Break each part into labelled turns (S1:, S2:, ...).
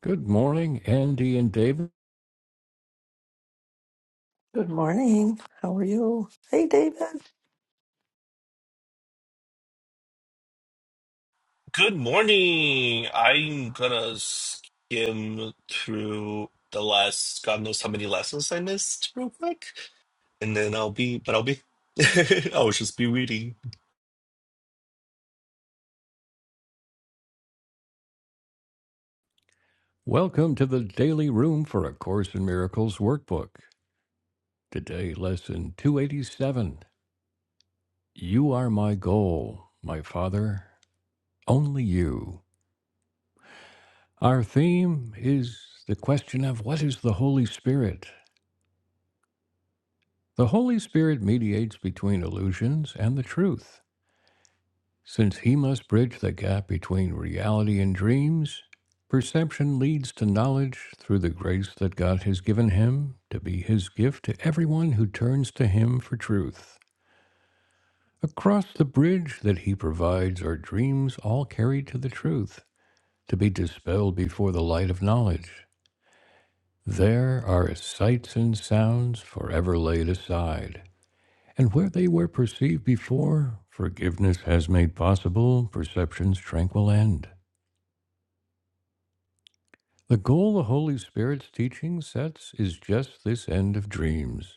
S1: Good morning, Andy and David.
S2: Good morning. How are you? Hey, David.
S3: Good morning. I'm gonna skim through the last, God knows how many lessons I missed real quick, and then I'll be, but I'll be, I'll just be reading.
S1: Welcome to the Daily Room for A Course in Miracles workbook. Today, lesson 287 You Are My Goal, My Father, Only You. Our theme is the question of what is the Holy Spirit? The Holy Spirit mediates between illusions and the truth. Since he must bridge the gap between reality and dreams, perception leads to knowledge through the grace that God has given him to be his gift to everyone who turns to him for truth. Across the bridge that he provides are dreams all carried to the truth, to be dispelled before the light of knowledge. There are sights and sounds forever laid aside. And where they were perceived before, forgiveness has made possible perception's tranquil end. The goal the Holy Spirit's teaching sets is just this end of dreams.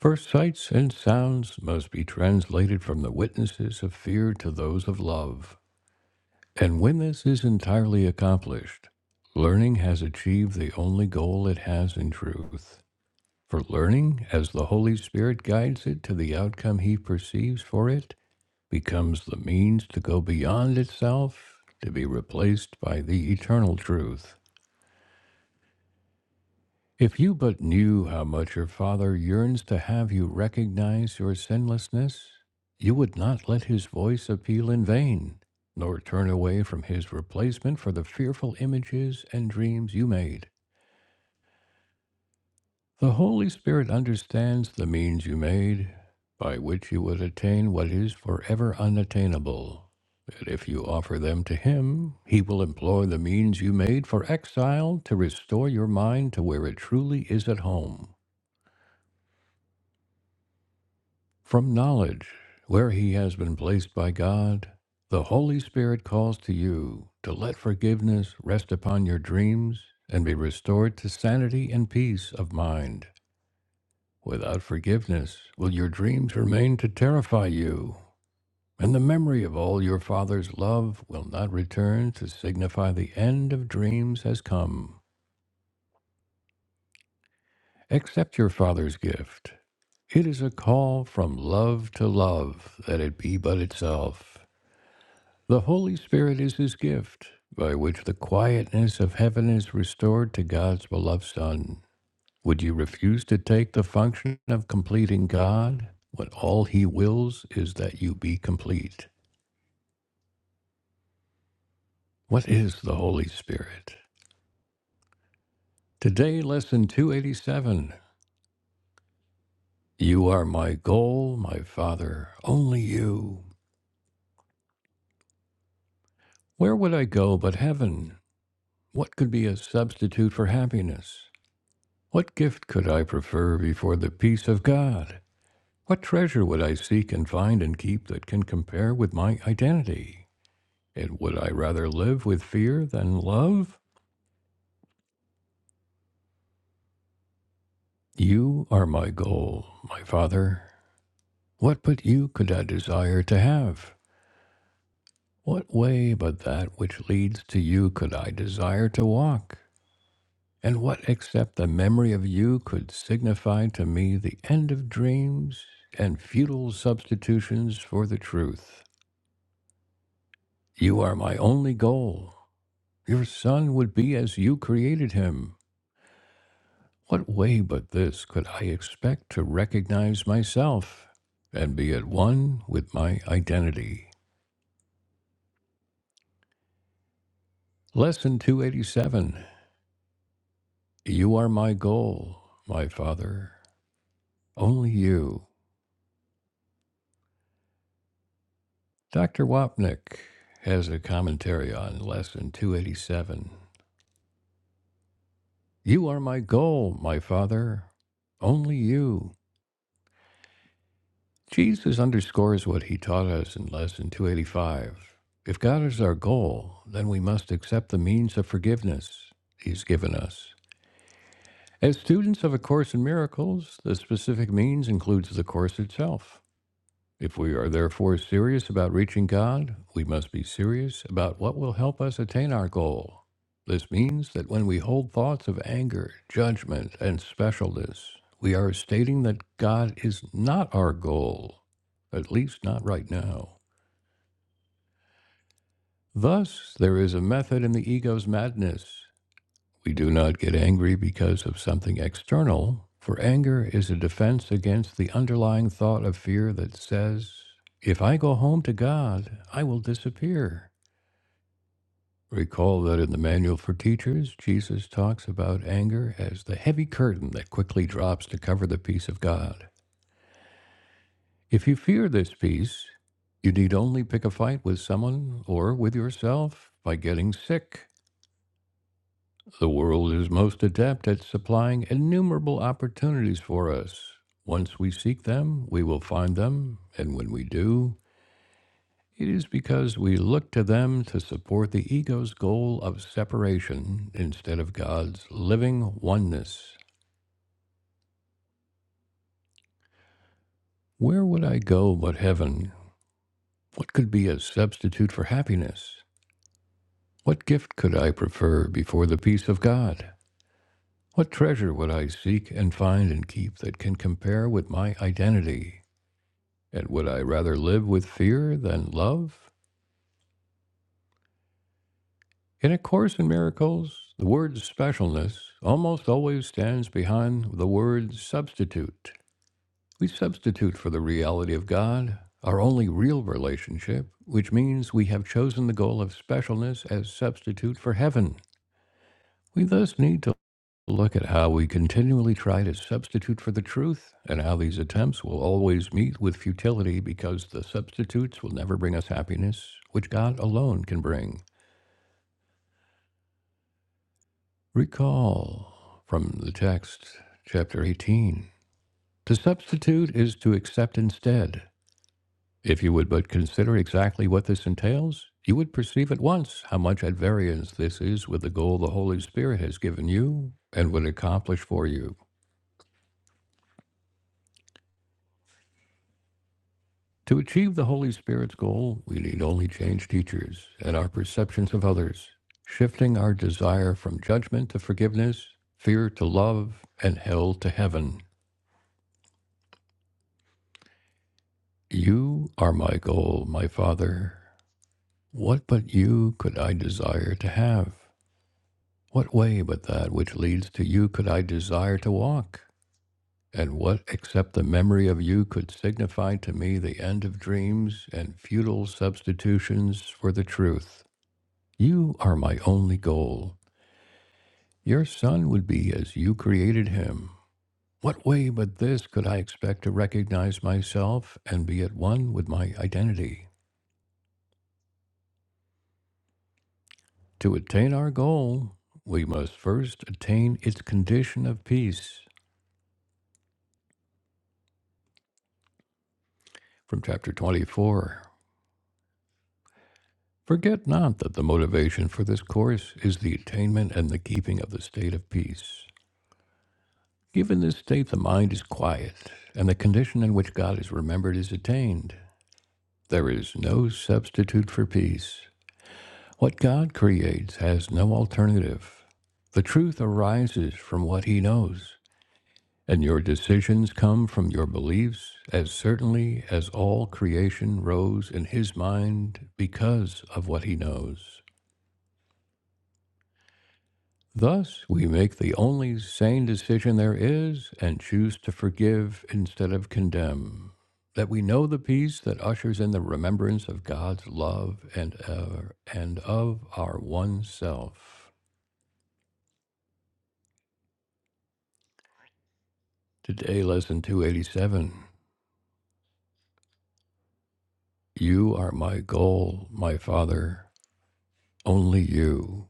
S1: For sights and sounds must be translated from the witnesses of fear to those of love. And when this is entirely accomplished, learning has achieved the only goal it has in truth. For learning, as the Holy Spirit guides it to the outcome he perceives for it, becomes the means to go beyond itself, to be replaced by the eternal truth. If you but knew how much your Father yearns to have you recognize your sinlessness, you would not let his voice appeal in vain, nor turn away from his replacement for the fearful images and dreams you made. The Holy Spirit understands the means you made by which you would attain what is forever unattainable. And if you offer them to him, he will employ the means you made for exile to restore your mind to where it truly is at home. From knowledge, where he has been placed by God, the Holy Spirit calls to you to let forgiveness rest upon your dreams and be restored to sanity and peace of mind. Without forgiveness, will your dreams remain to terrify you, and the memory of all your Father's love will not return to signify the end of dreams has come. Accept your Father's gift. It is a call from love to love that it be but itself. The Holy Spirit is his gift, by which the quietness of heaven is restored to God's beloved Son. Would you refuse to take the function of completing God when all he wills is that you be complete? What is the Holy Spirit? Today, lesson 287. You are my goal, my Father, only you. Where would I go but heaven? What could be a substitute for happiness? What gift could I prefer before the peace of God? What treasure would I seek and find and keep that can compare with my identity? And would I rather live with fear than love? You are my goal, my father. What but you could I desire to have? What way but that which leads to you could I desire to walk? And what except the memory of you could signify to me the end of dreams and futile substitutions for the truth? You are my only goal. Your son would be as you created him. What way but this could I expect to recognize myself and be at one with my identity? Lesson 287 You are my goal, my father, only you. Dr. Wapnick has a commentary on Lesson 287. You are my goal, my father, only you. Jesus underscores what he taught us in Lesson 285. If God is our goal, then we must accept the means of forgiveness he's given us. As students of A Course in Miracles, the specific means includes the Course itself. If we are therefore serious about reaching God, we must be serious about what will help us attain our goal. This means that when we hold thoughts of anger, judgment, and specialness, we are stating that God is not our goal, at least not right now. Thus, there is a method in the ego's madness. We do not get angry because of something external, for anger is a defense against the underlying thought of fear that says, If I go home to God, I will disappear. Recall that in the Manual for Teachers, Jesus talks about anger as the heavy curtain that quickly drops to cover the peace of God. If you fear this peace, you need only pick a fight with someone or with yourself by getting sick. The world is most adept at supplying innumerable opportunities for us. Once we seek them, we will find them, and when we do, it is because we look to them to support the ego's goal of separation instead of God's living oneness. Where would I go but heaven? What could be a substitute for happiness? What gift could I prefer before the peace of God? What treasure would I seek and find and keep that can compare with my identity? And would I rather live with fear than love? In A Course in Miracles, the word specialness almost always stands behind the word substitute. We substitute for the reality of God our only real relationship, which means we have chosen the goal of specialness as substitute for heaven. We thus need to Look at how we continually try to substitute for the truth, and how these attempts will always meet with futility because the substitutes will never bring us happiness, which God alone can bring. Recall from the text, chapter 18. To substitute is to accept instead. If you would but consider exactly what this entails, you would perceive at once how much at variance this is with the goal the Holy Spirit has given you and would accomplish for you. To achieve the Holy Spirit's goal, we need only change teachers and our perceptions of others, shifting our desire from judgment to forgiveness, fear to love, and hell to heaven. You are my goal, my Father. What but you could I desire to have? What way but that which leads to you could I desire to walk? And what except the memory of you could signify to me the end of dreams and futile substitutions for the truth? You are my only goal. Your son would be as you created him. What way but this could I expect to recognize myself and be at one with my identity? To attain our goal, we must first attain its condition of peace. From chapter 24. Forget not that the motivation for this course is the attainment and the keeping of the state of peace. Given this state, the mind is quiet, and the condition in which God is remembered is attained. There is no substitute for peace. What God creates has no alternative. The truth arises from what He knows, and your decisions come from your beliefs as certainly as all creation rose in His mind because of what He knows. Thus, we make the only sane decision there is and choose to forgive instead of condemn. That we know the peace that ushers in the remembrance of God's love and, uh, and of our one self. Today, lesson 287 You are my goal, my Father, only you.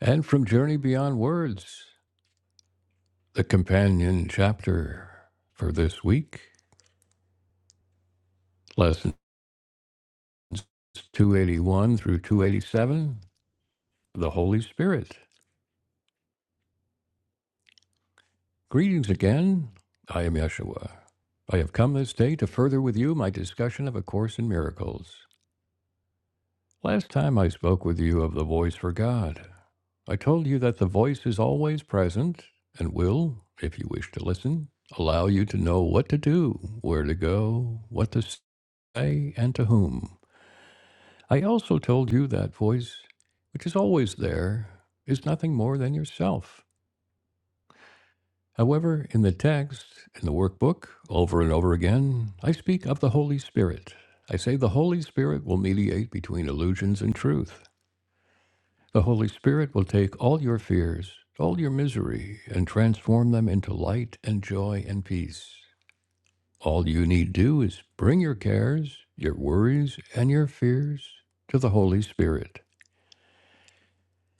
S1: And from Journey Beyond Words, the companion chapter for this week, lessons 281 through 287 the Holy Spirit. Greetings again. I am Yeshua. I have come this day to further with you my discussion of A Course in Miracles. Last time I spoke with you of the voice for God. I told you that the voice is always present and will, if you wish to listen, allow you to know what to do, where to go, what to say, and to whom. I also told you that voice, which is always there, is nothing more than yourself. However, in the text, in the workbook, over and over again, I speak of the Holy Spirit. I say the Holy Spirit will mediate between illusions and truth. The Holy Spirit will take all your fears, all your misery, and transform them into light and joy and peace. All you need do is bring your cares, your worries, and your fears to the Holy Spirit.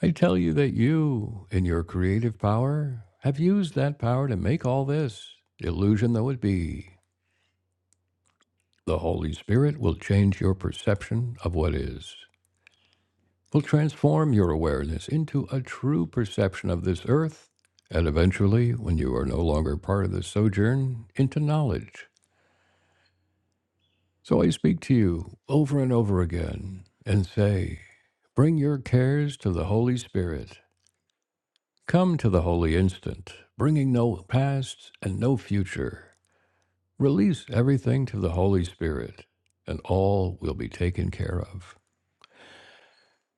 S1: I tell you that you, in your creative power, have used that power to make all this, illusion though it be, The Holy Spirit will change your perception of what is, will transform your awareness into a true perception of this earth, and eventually, when you are no longer part of this sojourn, into knowledge. So I speak to you over and over again and say, Bring your cares to the Holy Spirit. Come to the holy instant, bringing no past and no future. Release everything to the Holy Spirit, and all will be taken care of.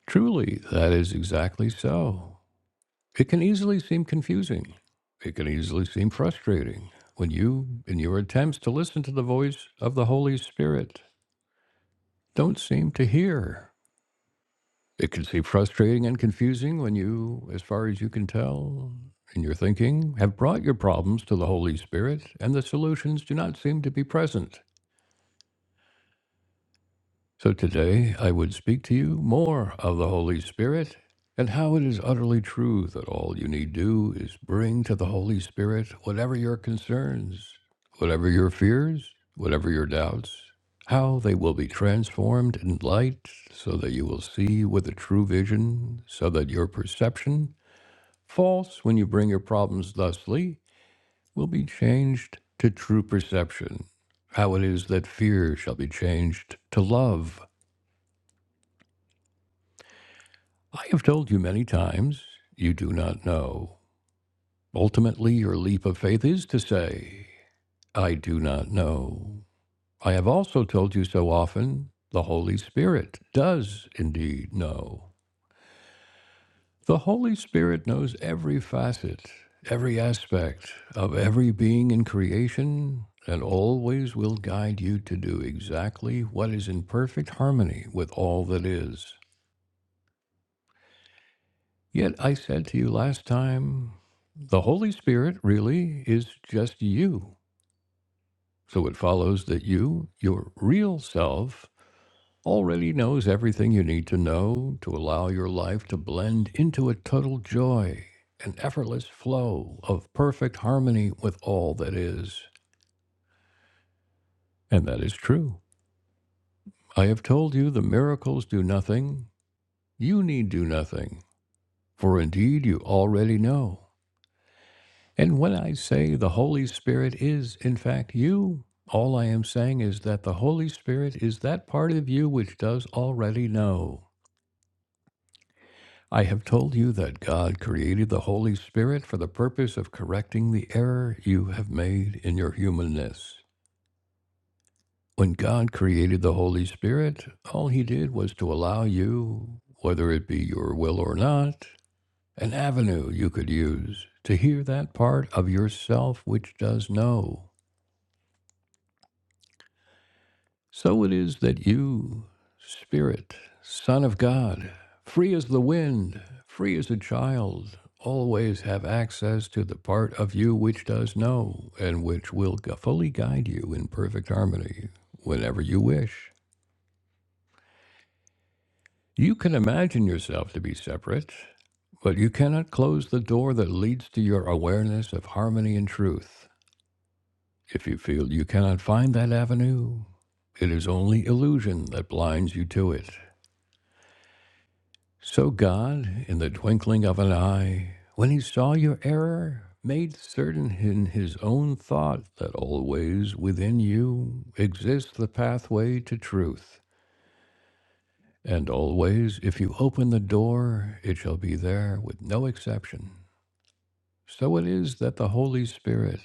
S1: Truly, that is exactly so. It can easily seem confusing. It can easily seem frustrating when you, in your attempts to listen to the voice of the Holy Spirit, don't seem to hear. It can seem frustrating and confusing when you, as far as you can tell, in your thinking, have brought your problems to the Holy Spirit and the solutions do not seem to be present. So today I would speak to you more of the Holy Spirit and how it is utterly true that all you need do is bring to the Holy Spirit whatever your concerns, whatever your fears, whatever your doubts, how they will be transformed in light so that you will see with a true vision, so that your perception, false when you bring your problems thusly, will be changed to true perception how it is that fear shall be changed to love, I have told you many times, you do not know. Ultimately, your leap of faith is to say, I do not know. I have also told you so often, the Holy Spirit does indeed know. The Holy Spirit knows every facet, every aspect of every being in creation, and always will guide you to do exactly what is in perfect harmony with all that is. Yet I said to you last time, the Holy Spirit really is just you. So it follows that you, your real self, already knows everything you need to know to allow your life to blend into a total joy, an effortless flow of perfect harmony with all that is. And that is true. I have told you the miracles do nothing. You need do nothing, for indeed you already know. And when I say the Holy Spirit is, in fact, you, all I am saying is that the Holy Spirit is that part of you which does already know. I have told you that God created the Holy Spirit for the purpose of correcting the error you have made in your humanness. When God created the Holy Spirit, all he did was to allow you, whether it be your will or not, an avenue you could use to hear that part of yourself which does know. So it is that you, Spirit, Son of God, free as the wind, free as a child, always have access to the part of you which does know and which will gu- fully guide you in perfect harmony whenever you wish. You can imagine yourself to be separate, but you cannot close the door that leads to your awareness of harmony and truth. If you feel you cannot find that avenue, it is only illusion that blinds you to it. So God, in the twinkling of an eye, when he saw your error, made certain in his own thought that always within you exists the pathway to truth. And always, if you open the door, it shall be there with no exception. So it is that the Holy Spirit,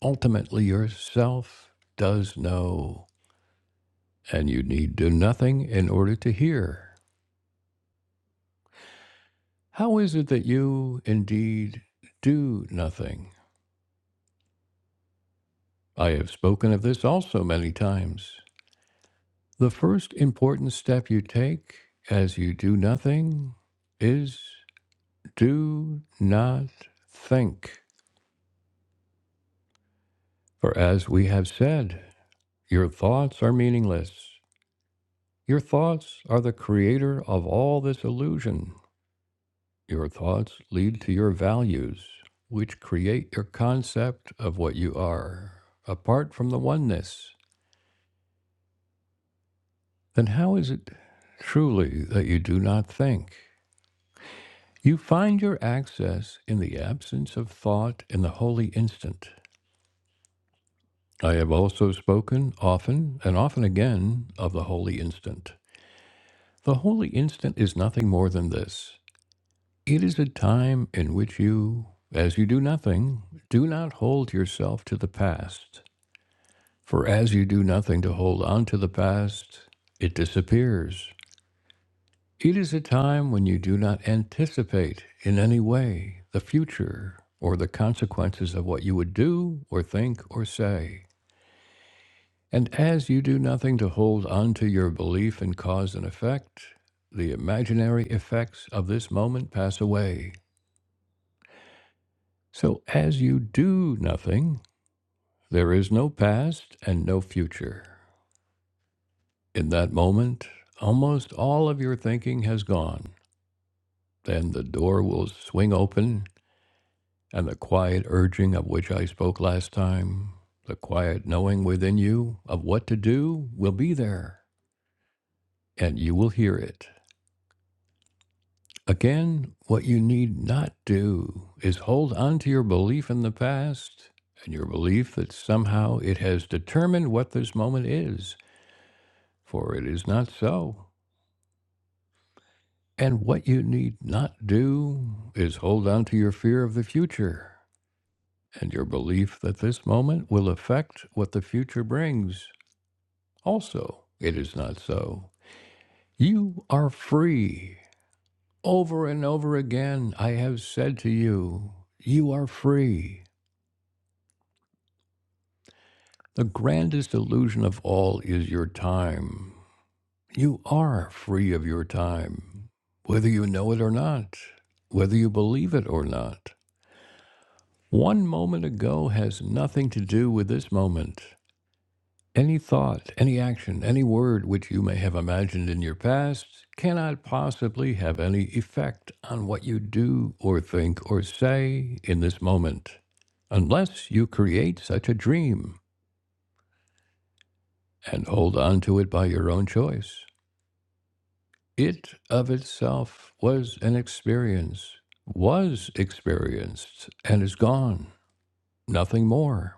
S1: ultimately yourself, does know, and you need do nothing in order to hear. How is it that you, indeed, do nothing? I have spoken of this also many times. The first important step you take as you do nothing is do not think. For as we have said, your thoughts are meaningless. Your thoughts are the creator of all this illusion. Your thoughts lead to your values, which create your concept of what you are, apart from the oneness. Then how is it truly that you do not think? You find your access in the absence of thought in the holy instant. I have also spoken often and often again of the holy instant. The holy instant is nothing more than this it is a time in which you, as you do nothing, do not hold yourself to the past. For as you do nothing to hold on to the past, it disappears. It is a time when you do not anticipate in any way the future or the consequences of what you would do or think or say. And as you do nothing to hold on to your belief in cause and effect, the imaginary effects of this moment pass away. So as you do nothing, there is no past and no future. In that moment, almost all of your thinking has gone. Then the door will swing open And the quiet urging of which I spoke last time, the quiet knowing within you of what to do, will be there, and you will hear it. Again, what you need not do is hold on to your belief in the past and your belief that somehow it has determined what this moment is, for it is not so. And what you need not do is hold on to your fear of the future and your belief that this moment will affect what the future brings Also, it is not so. You are free. Over and over again, I have said to you, you are free. The grandest illusion of all is your time. You are free of your time, whether you know it or not, whether you believe it or not. One moment ago has nothing to do with this moment. Any thought, any action, any word which you may have imagined in your past cannot possibly have any effect on what you do or think or say in this moment, unless you create such a dream and hold on to it by your own choice. It of itself was an experience, was experienced, and is gone, nothing more.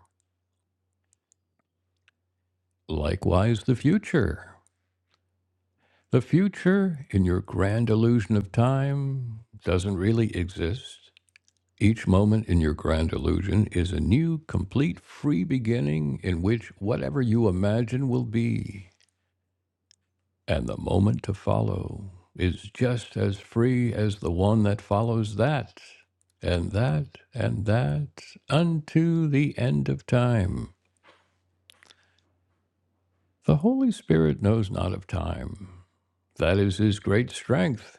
S1: Likewise, the future. The future, in your grand illusion of time, doesn't really exist. Each moment in your grand illusion is a new, complete, free beginning in which whatever you imagine will be, and the moment to follow is just as free as the one that follows that, and that, and that, unto the end of time. The Holy Spirit knows not of time. That is his great strength.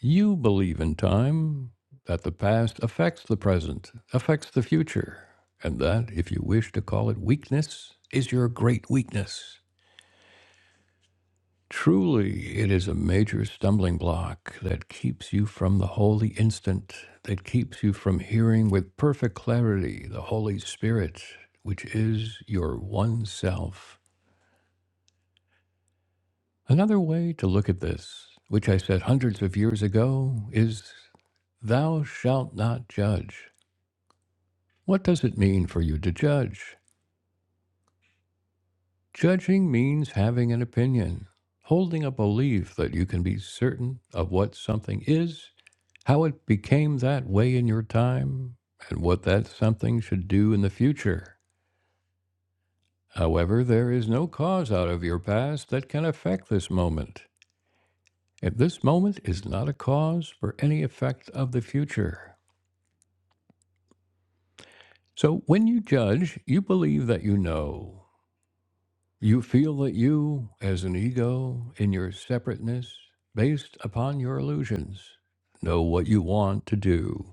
S1: You believe in time, that the past affects the present, affects the future, and that, if you wish to call it weakness, is your great weakness. Truly, it is a major stumbling block that keeps you from the holy instant, that keeps you from hearing with perfect clarity the Holy Spirit, which is your one self. Another way to look at this, which I said hundreds of years ago, is Thou shalt not judge. What does it mean for you to judge? Judging means having an opinion, holding a belief that you can be certain of what something is, how it became that way in your time, and what that something should do in the future. However, there is no cause out of your past that can affect this moment. If this moment is not a cause for any effect of the future. So when you judge, you believe that you know. You feel that you, as an ego, in your separateness, based upon your illusions, know what you want to do.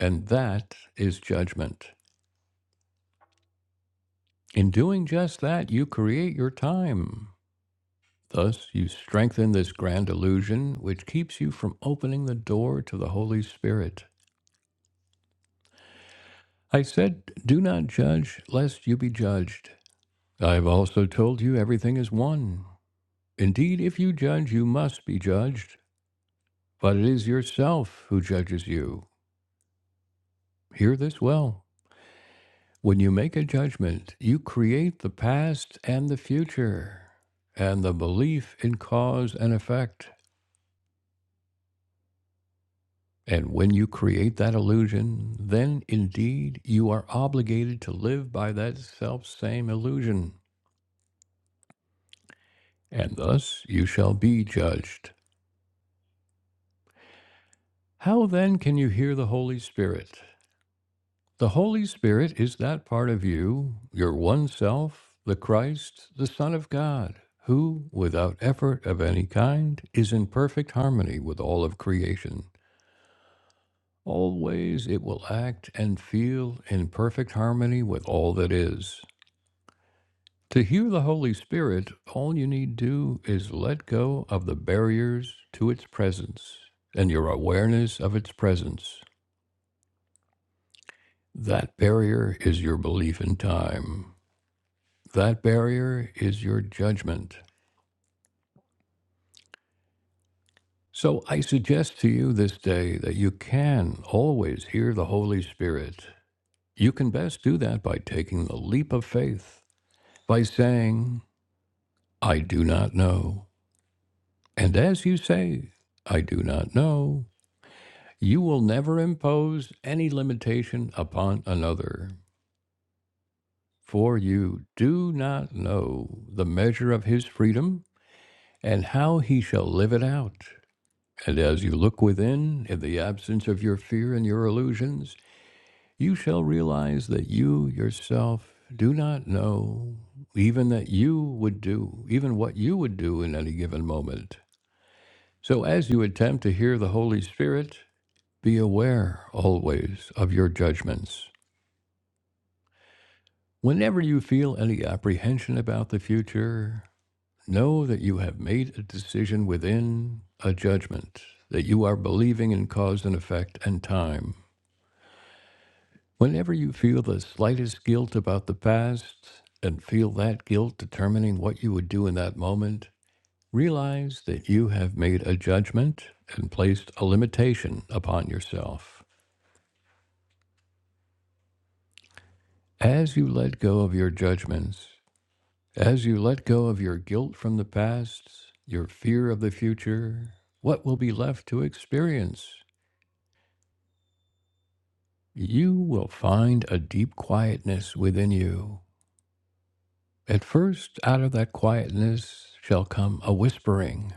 S1: And that is judgment. In doing just that, you create your time. Thus, you strengthen this grand illusion, which keeps you from opening the door to the Holy Spirit. I said, Do not judge, lest you be judged. I have also told you everything is one. Indeed, if you judge, you must be judged. But it is yourself who judges you. Hear this well. When you make a judgment, you create the past and the future, and the belief in cause and effect. And when you create that illusion, then indeed you are obligated to live by that self same illusion, and thus you shall be judged. How then can you hear the Holy Spirit? The Holy Spirit is that part of you, your one self, the Christ, the Son of God, who, without effort of any kind, is in perfect harmony with all of creation. Always it will act and feel in perfect harmony with all that is. To hear the Holy Spirit, all you need do is let go of the barriers to its presence and your awareness of its presence. That barrier is your belief in time. That barrier is your judgment. So I suggest to you this day that you can always hear the Holy Spirit. You can best do that by taking the leap of faith, by saying, I do not know. And as you say, I do not know, you will never impose any limitation upon another. For you do not know the measure of his freedom and how he shall live it out. And as you look within, in the absence of your fear and your illusions, you shall realize that you yourself do not know even that you would do, even what you would do in any given moment. So as you attempt to hear the Holy Spirit, be aware always of your judgments. Whenever you feel any apprehension about the future, know that you have made a decision within a judgment, that you are believing in cause and effect and time. Whenever you feel the slightest guilt about the past and feel that guilt determining what you would do in that moment, realize that you have made a judgment and placed a limitation upon yourself. As you let go of your judgments, as you let go of your guilt from the past, your fear of the future, what will be left to experience? You will find a deep quietness within you At first, out of that quietness shall come a whispering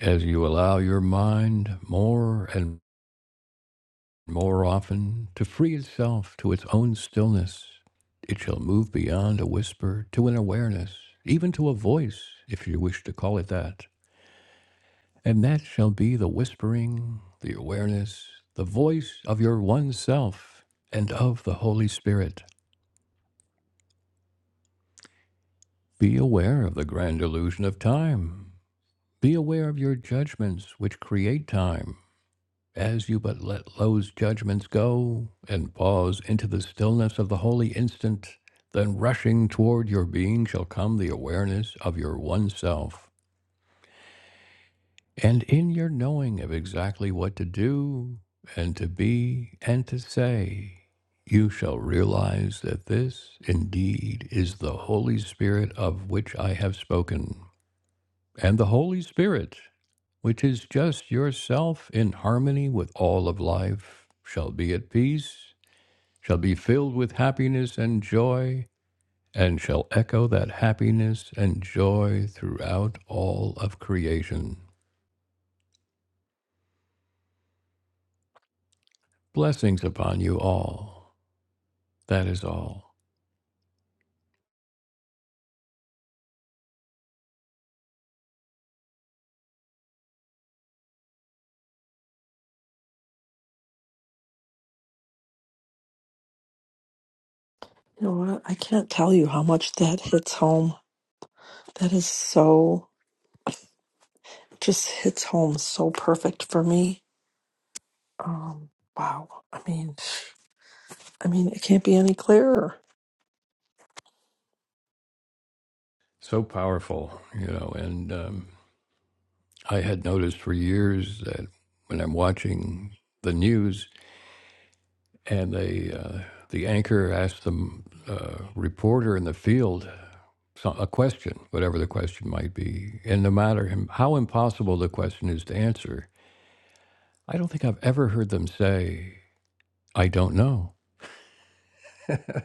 S1: as you allow your mind more and more often to free itself to its own stillness. It shall move beyond a whisper to an awareness, even to a voice, if you wish to call it that. And that shall be the whispering, the awareness, the voice of your one self and of the Holy Spirit. Be aware of the grand illusion of time. Be aware of your judgments which create time, as you but let those judgments go and pause into the stillness of the holy instant. Then, rushing toward your being, shall come the awareness of your one self. And in your knowing of exactly what to do and to be and to say, you shall realize that this indeed is the Holy Spirit of which I have spoken. and the Holy Spirit, which is just yourself in harmony with all of life, shall be at peace, shall be filled with happiness and joy, and shall echo that happiness and joy throughout all of creation. Blessings upon you all. That is all.
S2: You know what? I can't tell you how much that hits home. That is so, just hits home so perfect for me. Um, wow. I mean, I mean, it can't be any clearer.
S1: So powerful, you know. And um, I had noticed for years that when I'm watching the news, and they uh, the anchor asked the uh, reporter in the field so- a question, whatever the question might be, and no matter how impossible the question is to answer, I don't think I've ever heard them say, "I don't know."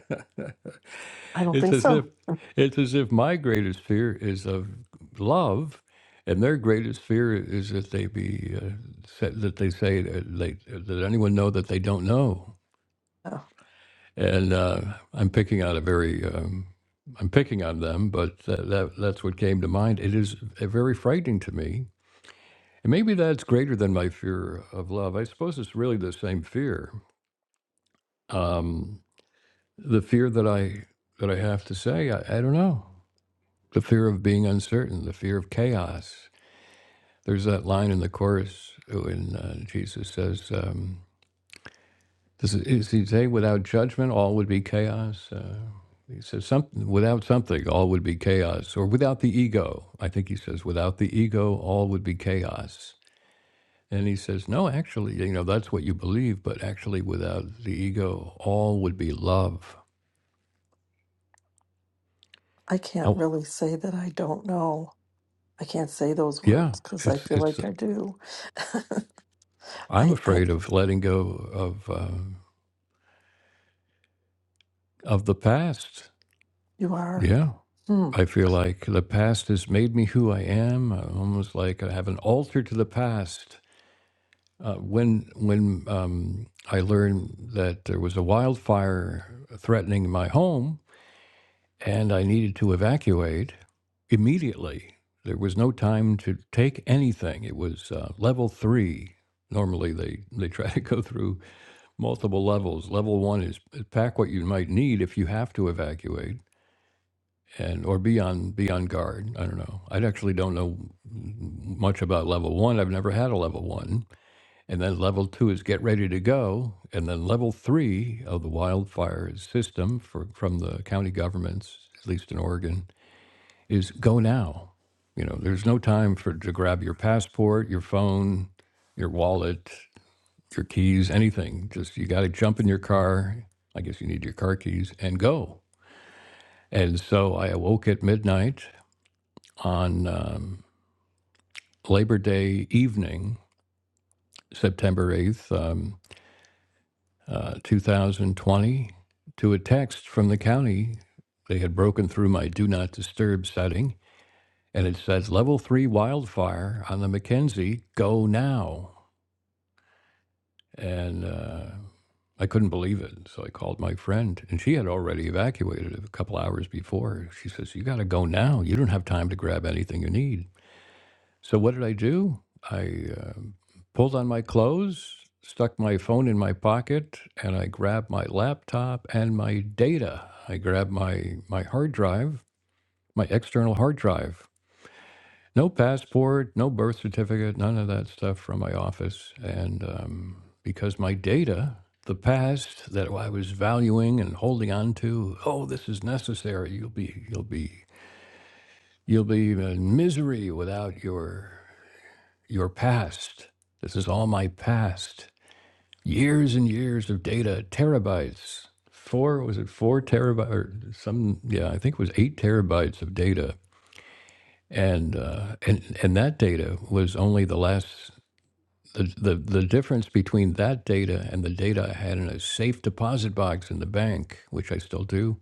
S2: I don't
S1: It's
S2: think
S1: as if
S2: so.
S1: it's as if my greatest fear is of love, and their greatest fear is that they be uh, sa- that they say that, they, that anyone know that they don't know.
S2: Yeah.
S1: and uh, I'm picking on a very um, I'm picking on them, but that, that that's what came to mind. It is uh, very frightening to me, and maybe that's greater than my fear of love. I suppose it's really the same fear, um, the fear that I that I have to say I, I don't know, the fear of being uncertain, the fear of chaos. There's that line in the chorus when uh, Jesus says. Um, Does it, is he say without judgment all would be chaos? Uh, he says something without something all would be chaos, or without the ego. I think he says without the ego all would be chaos. And he says no, actually, you know that's what you believe, but actually without the ego all would be love.
S2: I can't
S1: How?
S2: really say that I don't know. I can't say those
S1: Yeah,
S2: words because I
S1: it's
S2: feel
S1: it's.
S2: like I do.
S1: I'm
S2: I, I,
S1: afraid of letting go of um, of the past.
S2: you are.
S1: Yeah.
S2: hmm.
S1: I feel like the past has made me who I am. I'm almost like I have an altar to the past Uh, when when um, I learned that there was a wildfire threatening my home and I needed to evacuate immediately, there was no time to take anything. It was uh, level three. Normally, they, they try to go through multiple levels. Level one is pack what you might need if you have to evacuate and or be on be on guard. I don't know. I actually don't know much about level one. I've never had a level one and then level two is get ready to go. And then level three of the wildfire system for, from the county governments, at least in Oregon, is go now. You know, there's no time for to grab your passport, your phone, your wallet, your keys, anything. Just you got to jump in your car. I guess you need your car keys and go. And so I awoke at midnight on um, Labor Day evening, September 8th. Um, uh, 2020 to a text from the county. They had broken through my do not disturb setting, and it said level three wildfire on the Mackenzie, go now. And uh, I couldn't believe it. So I called my friend, and she had already evacuated a couple hours before. She says, You got to go now. You don't have time to grab anything you need. So what did I do? I uh, pulled on my clothes, stuck my phone in my pocket, and I grabbed my laptop and my data. I grabbed my my hard drive, my external hard drive. No passport, no birth certificate, none of that stuff from my office, and um, because my data. The past that I was valuing and holding on to, oh, this is necessary. You'll be, you'll be, you'll be in misery without your your past. This is all my past. Years and years of data, terabytes. Four, was it four terabytes or some, yeah, I think it was eight terabytes of data. And, uh, and, and that data was only the last, the, the, the difference between that data and the data I had in a safe deposit box in the bank, which I still do,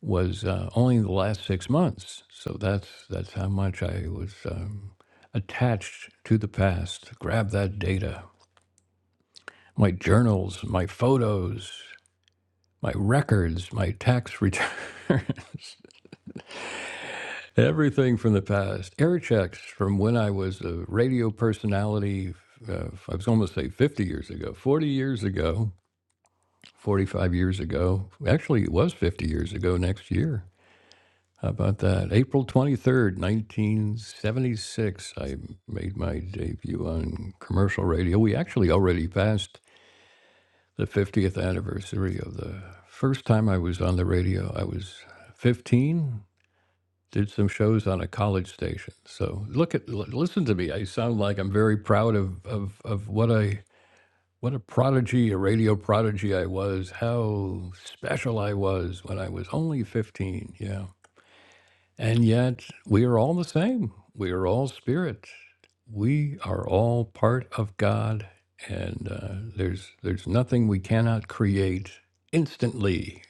S1: was uh, only the last six months. So that's, that's how much I was um, attached to the past. Grab that data. my journals, my photos, my records, my tax return, everything from the past, air checks from when I was a radio personality. Uh, I was almost say 50 years ago, 40 years ago, 45 years ago. Actually, it was 50 years ago next year. How about that? April 23rd, 1976, I made my debut on commercial radio. We actually already passed the 50th anniversary of the first time I was on the radio. I was 15, did some shows on a college station. So look at l- listen to me. I sound like I'm very proud of of of what I what a prodigy, a radio prodigy I was. How special I was when I was only 15. Yeah. And yet, we are all the same. We are all spirit. We are all part of God, and uh, there's there's nothing we cannot create instantly.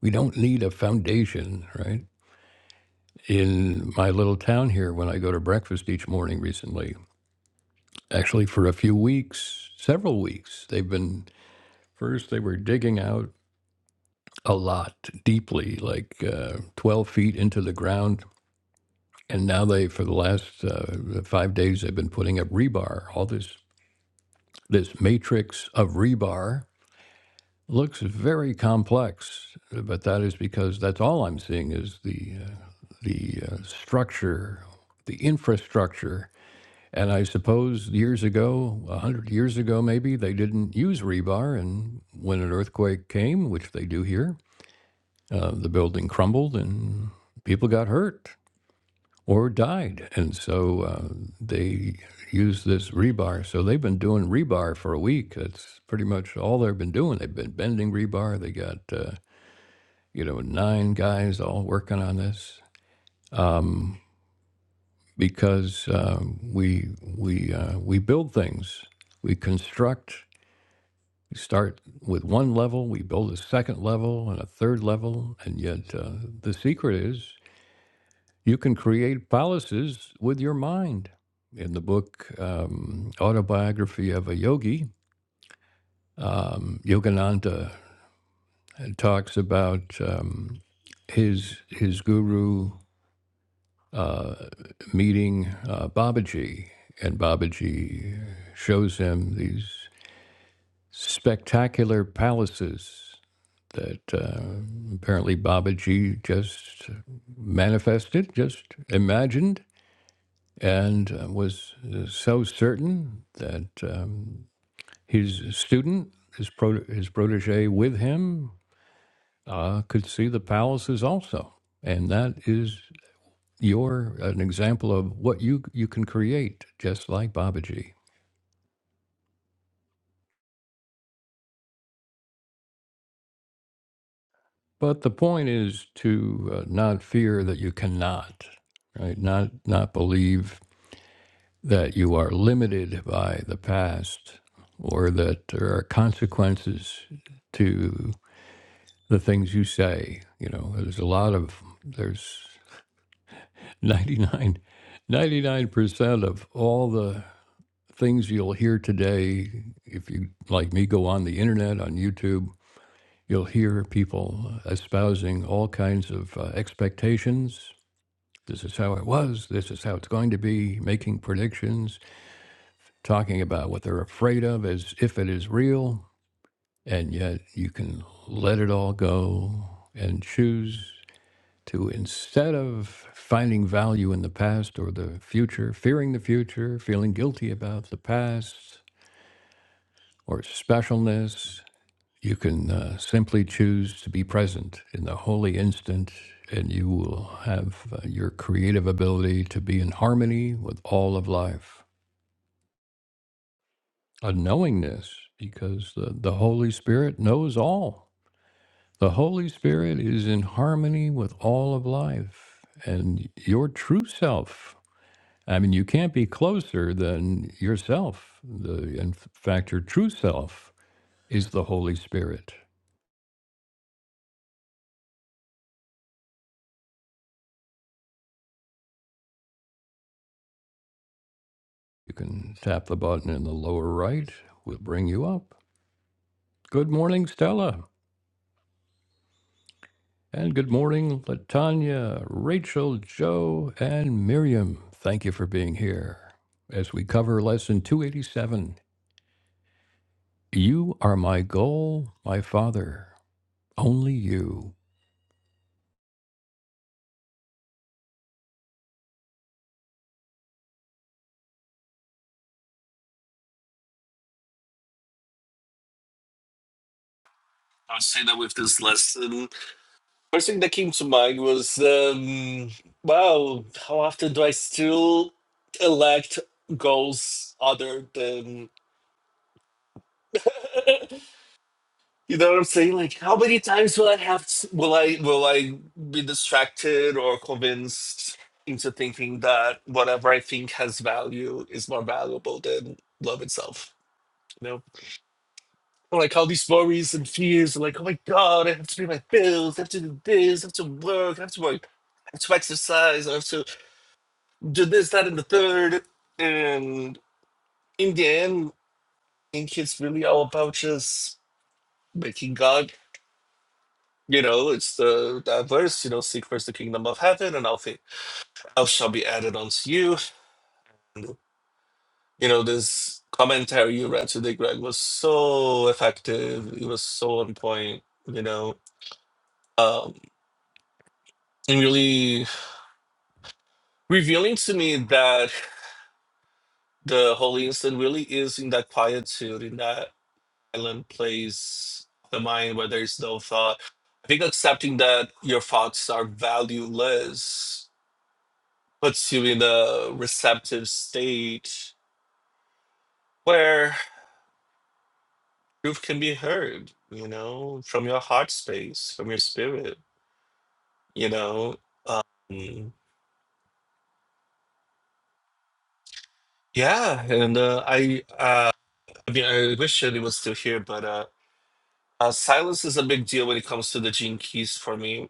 S1: We don't need a foundation, right? In my little town here, when I go to breakfast each morning recently, actually for a few weeks, several weeks, they've been first they were digging out a lot deeply, like uh, 12 feet into the ground and now they for the last uh, five days they've been putting up rebar all this this matrix of rebar looks very complex but that is because that's all i'm seeing is the uh, the uh, structure the infrastructure and i suppose years ago a 100 years ago maybe they didn't use rebar and when an earthquake came which they do here uh, the building crumbled and people got hurt or died. And so uh, they use this rebar. So they've been doing rebar for a week. That's pretty much all they've been doing. They've been bending rebar. They got, uh, you know, nine guys all working on this um, because uh, we, we, uh, we build things, we construct. We start with one level, we build a second level and a third level, and yet uh, the secret is You can create palaces with your mind. In the book um, Autobiography of a Yogi, um, Yogananda talks about um, his his guru uh, meeting uh, Babaji, and Babaji shows him these spectacular palaces that uh, apparently Babaji just manifested, just imagined, and uh, was uh, so certain that um, his student, his, pro- his protege with him, uh, could see the palaces also. And that is your an example of what you you can create, just like Babaji. But the point is to uh, not fear that you cannot, right? Not not believe that you are limited by the past or that there are consequences to. the things you say. You know, there's a lot of, there's ninety nine, ninety nine percent of all the things you'll hear today. If you, like me, go on the internet, on YouTube, you'll hear people espousing all kinds of uh, expectations. This is how it was. This is how it's going to be, making predictions, talking about what they're afraid of as if it is real. And yet you can let it all go and choose to instead of finding value in the past or the future, fearing the future, feeling guilty about the past or specialness, you can uh, simply choose to be present in the holy instant, and you will have uh, your creative ability to be in harmony with all of life. A knowingness, because the, the Holy Spirit knows all. The Holy Spirit is in harmony with all of life, and your true self I mean, you can't be closer than yourself. The, in fact, your true self is the Holy Spirit. You can tap the button in the lower right, we'll bring you up. Good morning, Stella. And good morning, Latanya, Rachel, Joe, and Miriam. Thank you for being here. As we cover lesson 287, you are my goal, my Father, only you.
S3: I would say that with this lesson, first thing that came to mind was, um, wow, how often do I still elect goals other than You know what I'm saying? Like, how many times will I have? To, Will I will I be distracted or convinced into thinking that whatever I think has value is more valuable than love itself? You know, Or like all these worries and fears. and Like, oh my god, I have to pay my bills. I have to do this. I have to work. I have to work. I have to exercise. I have to do this, that, and the third. And in the end, I think it's really all about just making God You know, it's the that verse, you know, seek first the kingdom of heaven and all things else shall be added unto you. And, you know, this commentary you read today, Greg, was so effective. It was so on point, you know, um, and really revealing to me that the Holy Instant really is in that quietude, in that silent place of the mind where there is no thought. I think accepting that your thoughts are valueless puts you in a receptive state where truth can be heard, you know, from your heart space, from your spirit, you know. Mm. Yeah, and uh, I, uh, I mean, I wish Shirley was still here, but uh, uh, silence is a big deal when it comes to the gene keys for me.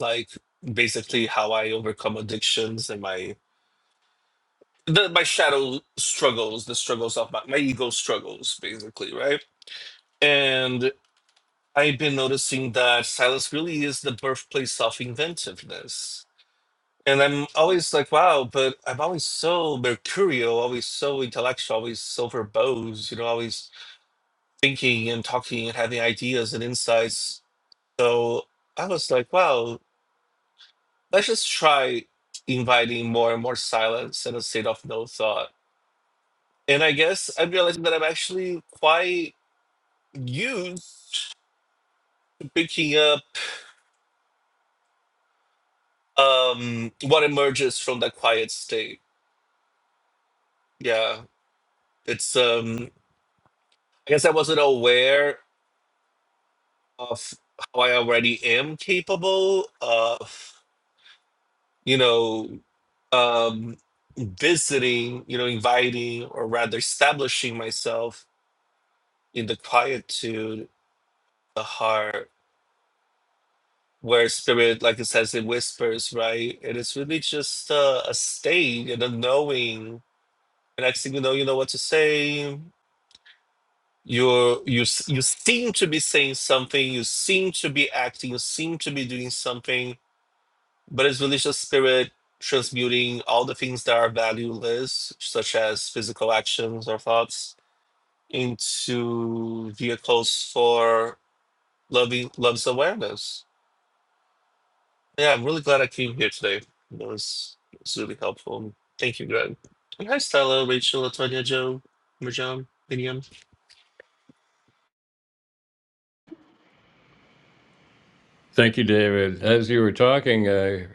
S3: Like basically how I overcome addictions and my the, my shadow struggles, the struggles of my, my ego struggles, basically, right? And. I've been noticing that silence really is the birthplace of inventiveness. And I'm always like, wow, but I'm always so mercurial, always so intellectual, always so verbose, you know, always thinking and talking and having ideas and insights. So I was like, wow, let's just try inviting more and more silence and a state of no thought. And I guess I'm realizing that I'm actually quite used to picking up um, what emerges from that quiet state Yeah, it's um I guess I wasn't aware of how I already am capable of, you know, um visiting, you know, inviting or rather establishing myself in the quietude, the heart, where spirit, like it says, it whispers, right? And it's really just uh, a state and a knowing. And next thing you know, you know what to say. you you s- you seem to be saying something you seem to be acting you seem to be doing something but it's religious spirit transmuting all the things that are valueless such as physical actions or thoughts into vehicles for loving love's awareness yeah i'm really glad i came here today that was, it was really helpful thank you greg And hi stella rachel latonia joe marjan Miriam.
S1: Thank you, David. As you were talking, I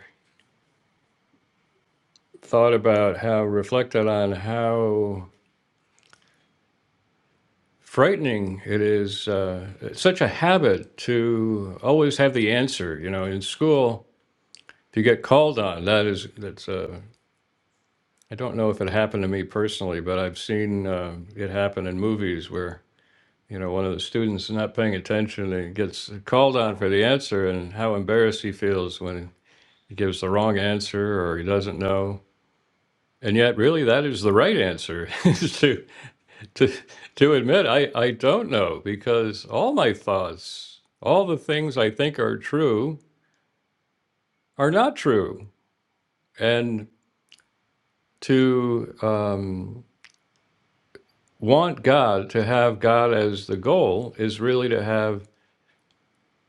S1: thought about how reflected on how frightening it is uh, it's such a habit to always have the answer you know in school if you get called on that is that's uh, i don't know if it happened to me personally but i've seen uh, it happen in movies where you know one of the students is not paying attention and gets called on for the answer and how embarrassed he feels when he gives the wrong answer or he doesn't know and yet really that is the right answer is to to to admit I, I don't know because all my thoughts, all the things I think are true are not true. And to um, want God, to have God as the goal is really to have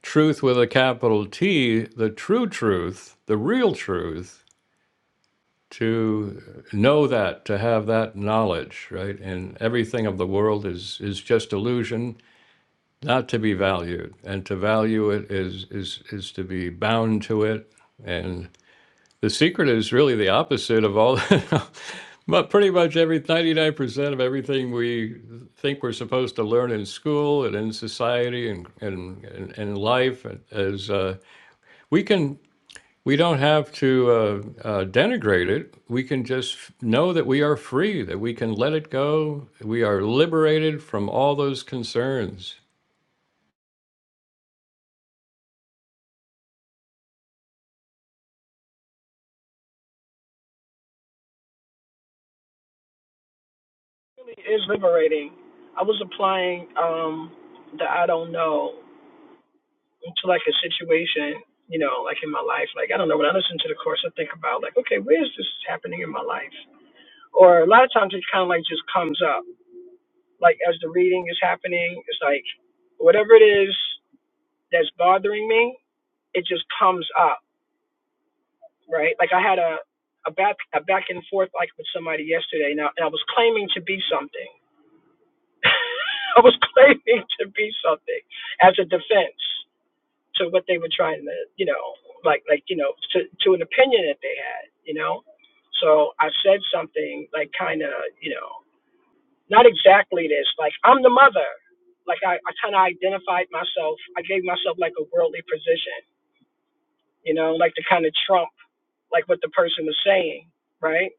S1: truth with a capital T, the true truth, the real truth, to know that, to have that knowledge, right? And everything of the world is is just illusion not to be valued and to value it is is is to be bound to it and the secret is really the opposite of all but pretty much every 99% of everything we think we're supposed to learn in school and in society and and and, in life is uh, we can we don't have to uh, uh, denigrate it. We can just know that we are free, that we can let it go. We are liberated from all those concerns.
S4: It's liberating. I was applying um the I don't know to like a situation, you know, like in my life. Like I don't know, when I listen to the course I think about like, okay, where is this happening in my life? Or a lot of times it kinda like just comes up. Like as the reading is happening, it's like whatever it is that's bothering me, it just comes up, right? Like I had a a back a back and forth like with somebody yesterday now and I was claiming to be something I was claiming to be something as a defense to what they were trying to, you know, like like you know, to to an opinion that they had, you know. So I said something like kind of, you know, not exactly this, like I'm the mother. Like I, I kind of identified myself. I gave myself like a worldly position, you know, like to kind of trump like what the person was saying, right?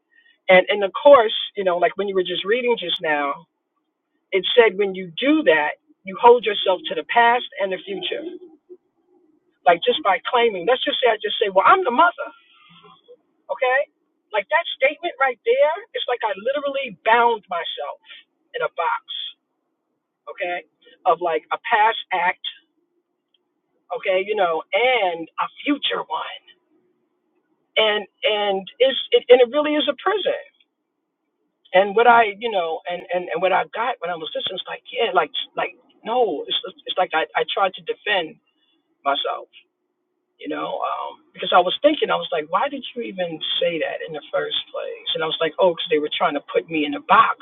S4: And and of course, you know, like when you were just reading just now, it said when you do that, you hold yourself to the past and the future. Like just by claiming, let's just say I just say, well, I'm the mother, okay? Like that statement right there, it's like I literally bound myself in a box, okay? Of like a past act, okay, you know, and a future one. And and it's it, and it really is a prison. And what I, you know, and and and what I got when I was listening, it's like, yeah, like like no, it's it's like I I tried to defend myself you know, um, because I was thinking, I was like, why did you even say that in the first place? And I was like, oh, because they were trying to put me in a box.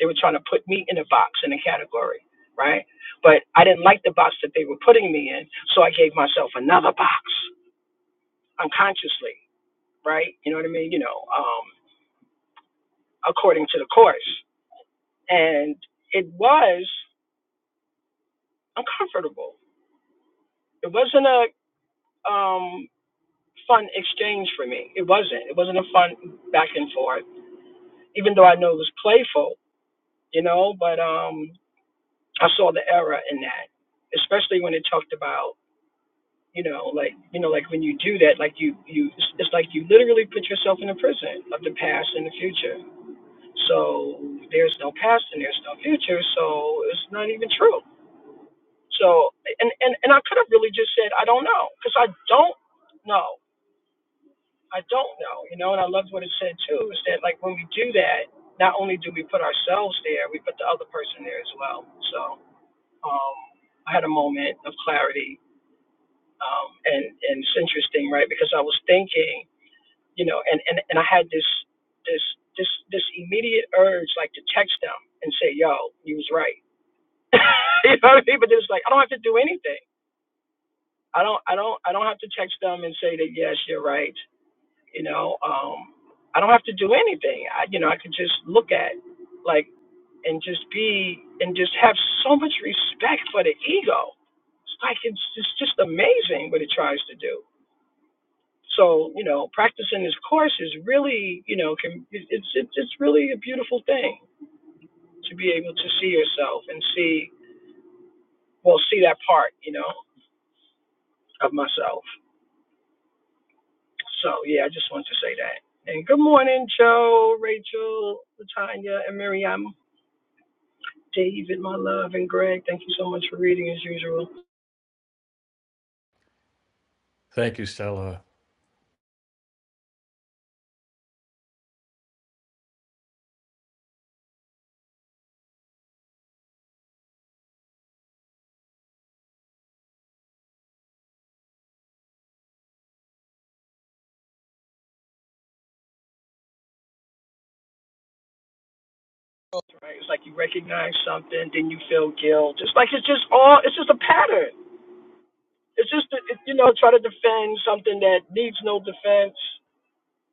S4: They were trying to put me in a box in a category, right? But I didn't like the box that they were putting me in, so I gave myself another box unconsciously, right? You know what I mean? You know, um, according to the course, and it was uncomfortable. It wasn't a um, fun exchange for me. It wasn't. It wasn't a fun back and forth even though I know it was playful, you know, but um, I saw the error in that, especially when it talked about, you know, like you know, like when you do that, like you you, it's it's like you literally put yourself in a prison of the past and the future. So there's no past and there's no future, so it's not even true. So and and and I could have really just said I don't know because I don't know. I don't know, you know, and I loved what it said too, is that like when we do that, not only do we put ourselves there, we put the other person there as well. So um, I had a moment of clarity, um, and and it's interesting, right? Because I was thinking, you know, and and and I had this this this this immediate urge, like to text them and say, "Yo, you was right." you know what I mean? But it's like I don't have to do anything. I don't I don't I don't have to text them and say that yes, you're right. you know um i don't have to do anything i you know i could just look at like and just be and just have so much respect for the ego it's like it's just just amazing what it tries to do so you know practicing this course is really you know can it- it's it's, it's really a beautiful thing to be able to see yourself and see well see that part you know of myself so yeah i just wanted to say that and good morning joe rachel latanya and miriam David, my love, and Greg, thank you so much for reading as usual.
S1: Thank you, Stella.
S4: Right? It's like you recognize something, then you feel guilt. It's like it's just all, it's just a pattern. It's just, that, it, you know, try to defend something that needs no defense.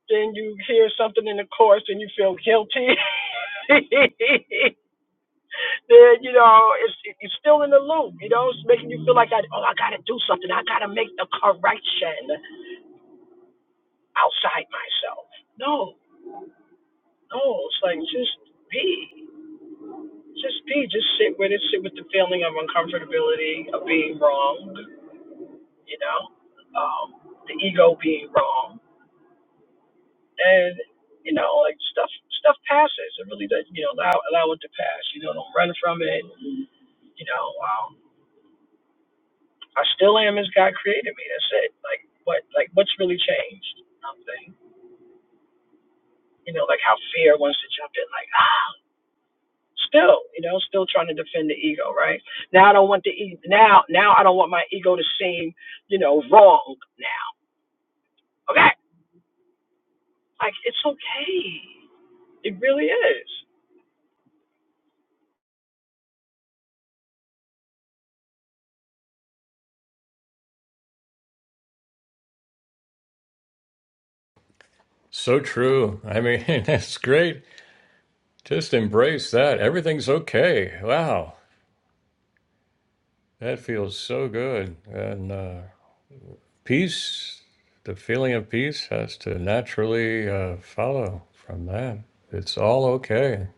S4: Then you hear something in the course and you feel guilty. then, you know, it's, it's still in the loop, you know, it's making you feel like, I, oh, I got to do something. I got to make the correction outside myself. No, no, it's like just be. Just be, just sit with it, sit with the feeling of uncomfortability, of being wronged, you know, um, the ego being wrong. And, you know, like stuff stuff passes. It really does, you know, allow, allow it to pass. You know, don't run from it. You know, um, I still am as God created me. That's it. Like, what, like, what's really changed? Nothing. You know, like how fear wants to jump in, like, ah. Still, you know, still trying to defend the ego, right? Now I don't want the e- now now I don't want my ego to seem, you know, wrong now. Okay, like it's okay. It really is.
S1: So true. I mean, that's great. Just embrace that. Everything's okay. Wow. That feels so good. And uh, peace, the feeling of peace has to naturally uh, follow from that. It's all okay.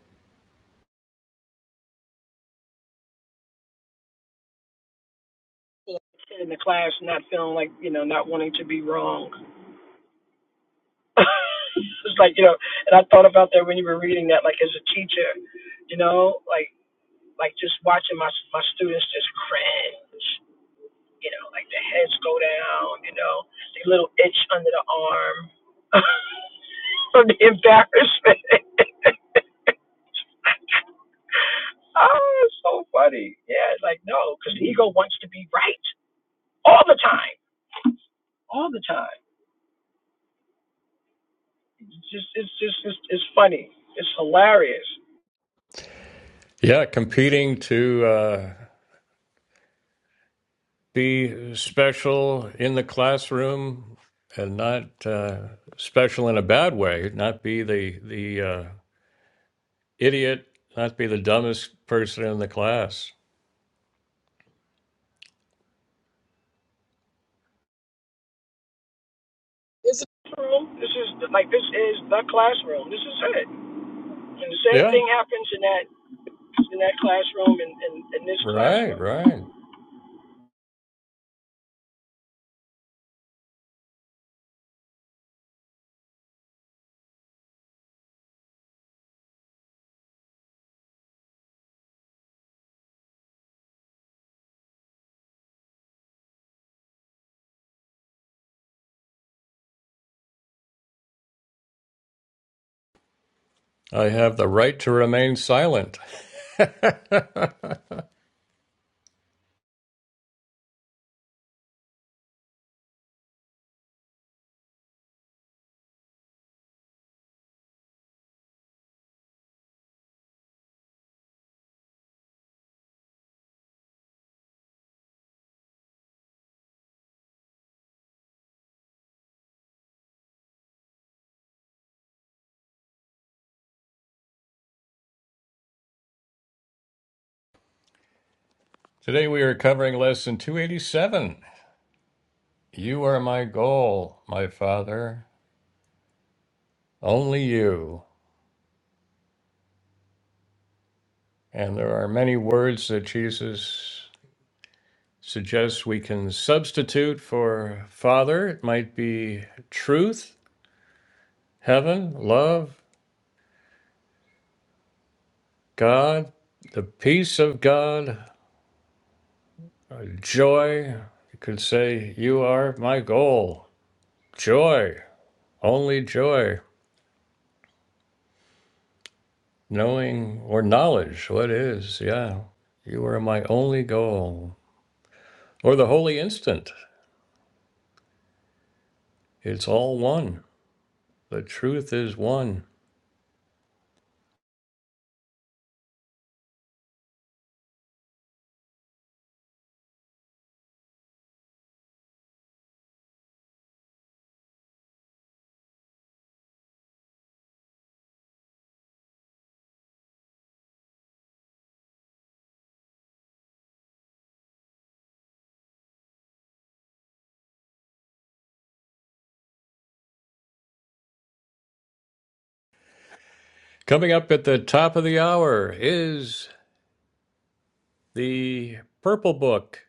S4: You know, Kid in the class not feeling like you know not wanting to be wrong. it's like you know, and I thought about that when you were reading that, like as a teacher, you know, like like just watching my my students just cringe, you know, like their heads go down, you know, the little itch under the arm. from the embarrassment. oh, it's so funny. Yeah, it's like no, because the ego wants to be right all the time, all the time. It's just, it's just, it's, it's funny. It's hilarious.
S1: Yeah, competing to uh, be special in the classroom and not uh, special in a bad way, not be the, the uh, idiot, not be the dumbest person in the class.
S4: Room. This is like this is the classroom. This is it. And the same
S1: Yeah,
S4: thing happens in that in that classroom and in, in, in this
S1: Right,
S4: classroom.
S1: right. I have the right to remain silent. Today we are covering lesson 287. You are my goal, my Father, only you. And there are many words that Jesus suggests we can substitute for Father. It might be truth, heaven, love, God, the peace of God, joy. You could say, You are my goal, joy. Only joy, knowing or knowledge what is, yeah. You are my only goal. Or the holy instant. It's all one. The truth is one. Coming up at the top of the hour is the Purple Book.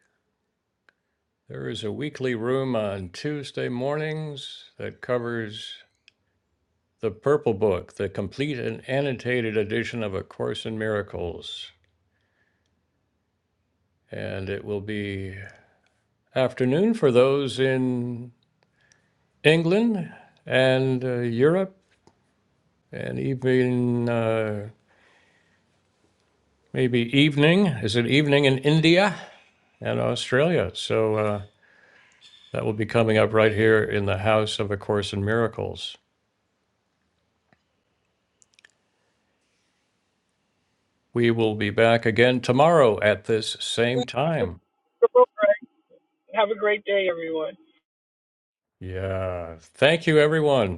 S1: There is a weekly room on Tuesday mornings that covers the Purple Book, the complete and annotated edition of A Course in Miracles. And it will be afternoon for those in England and uh, Europe, and even uh, maybe evening. Is it evening in India and Australia? So uh, that will be coming up right here in the House of A Course in Miracles. We will be back again tomorrow at this same time.
S4: All right. Have a great day, everyone.
S1: Yeah. Thank you, everyone.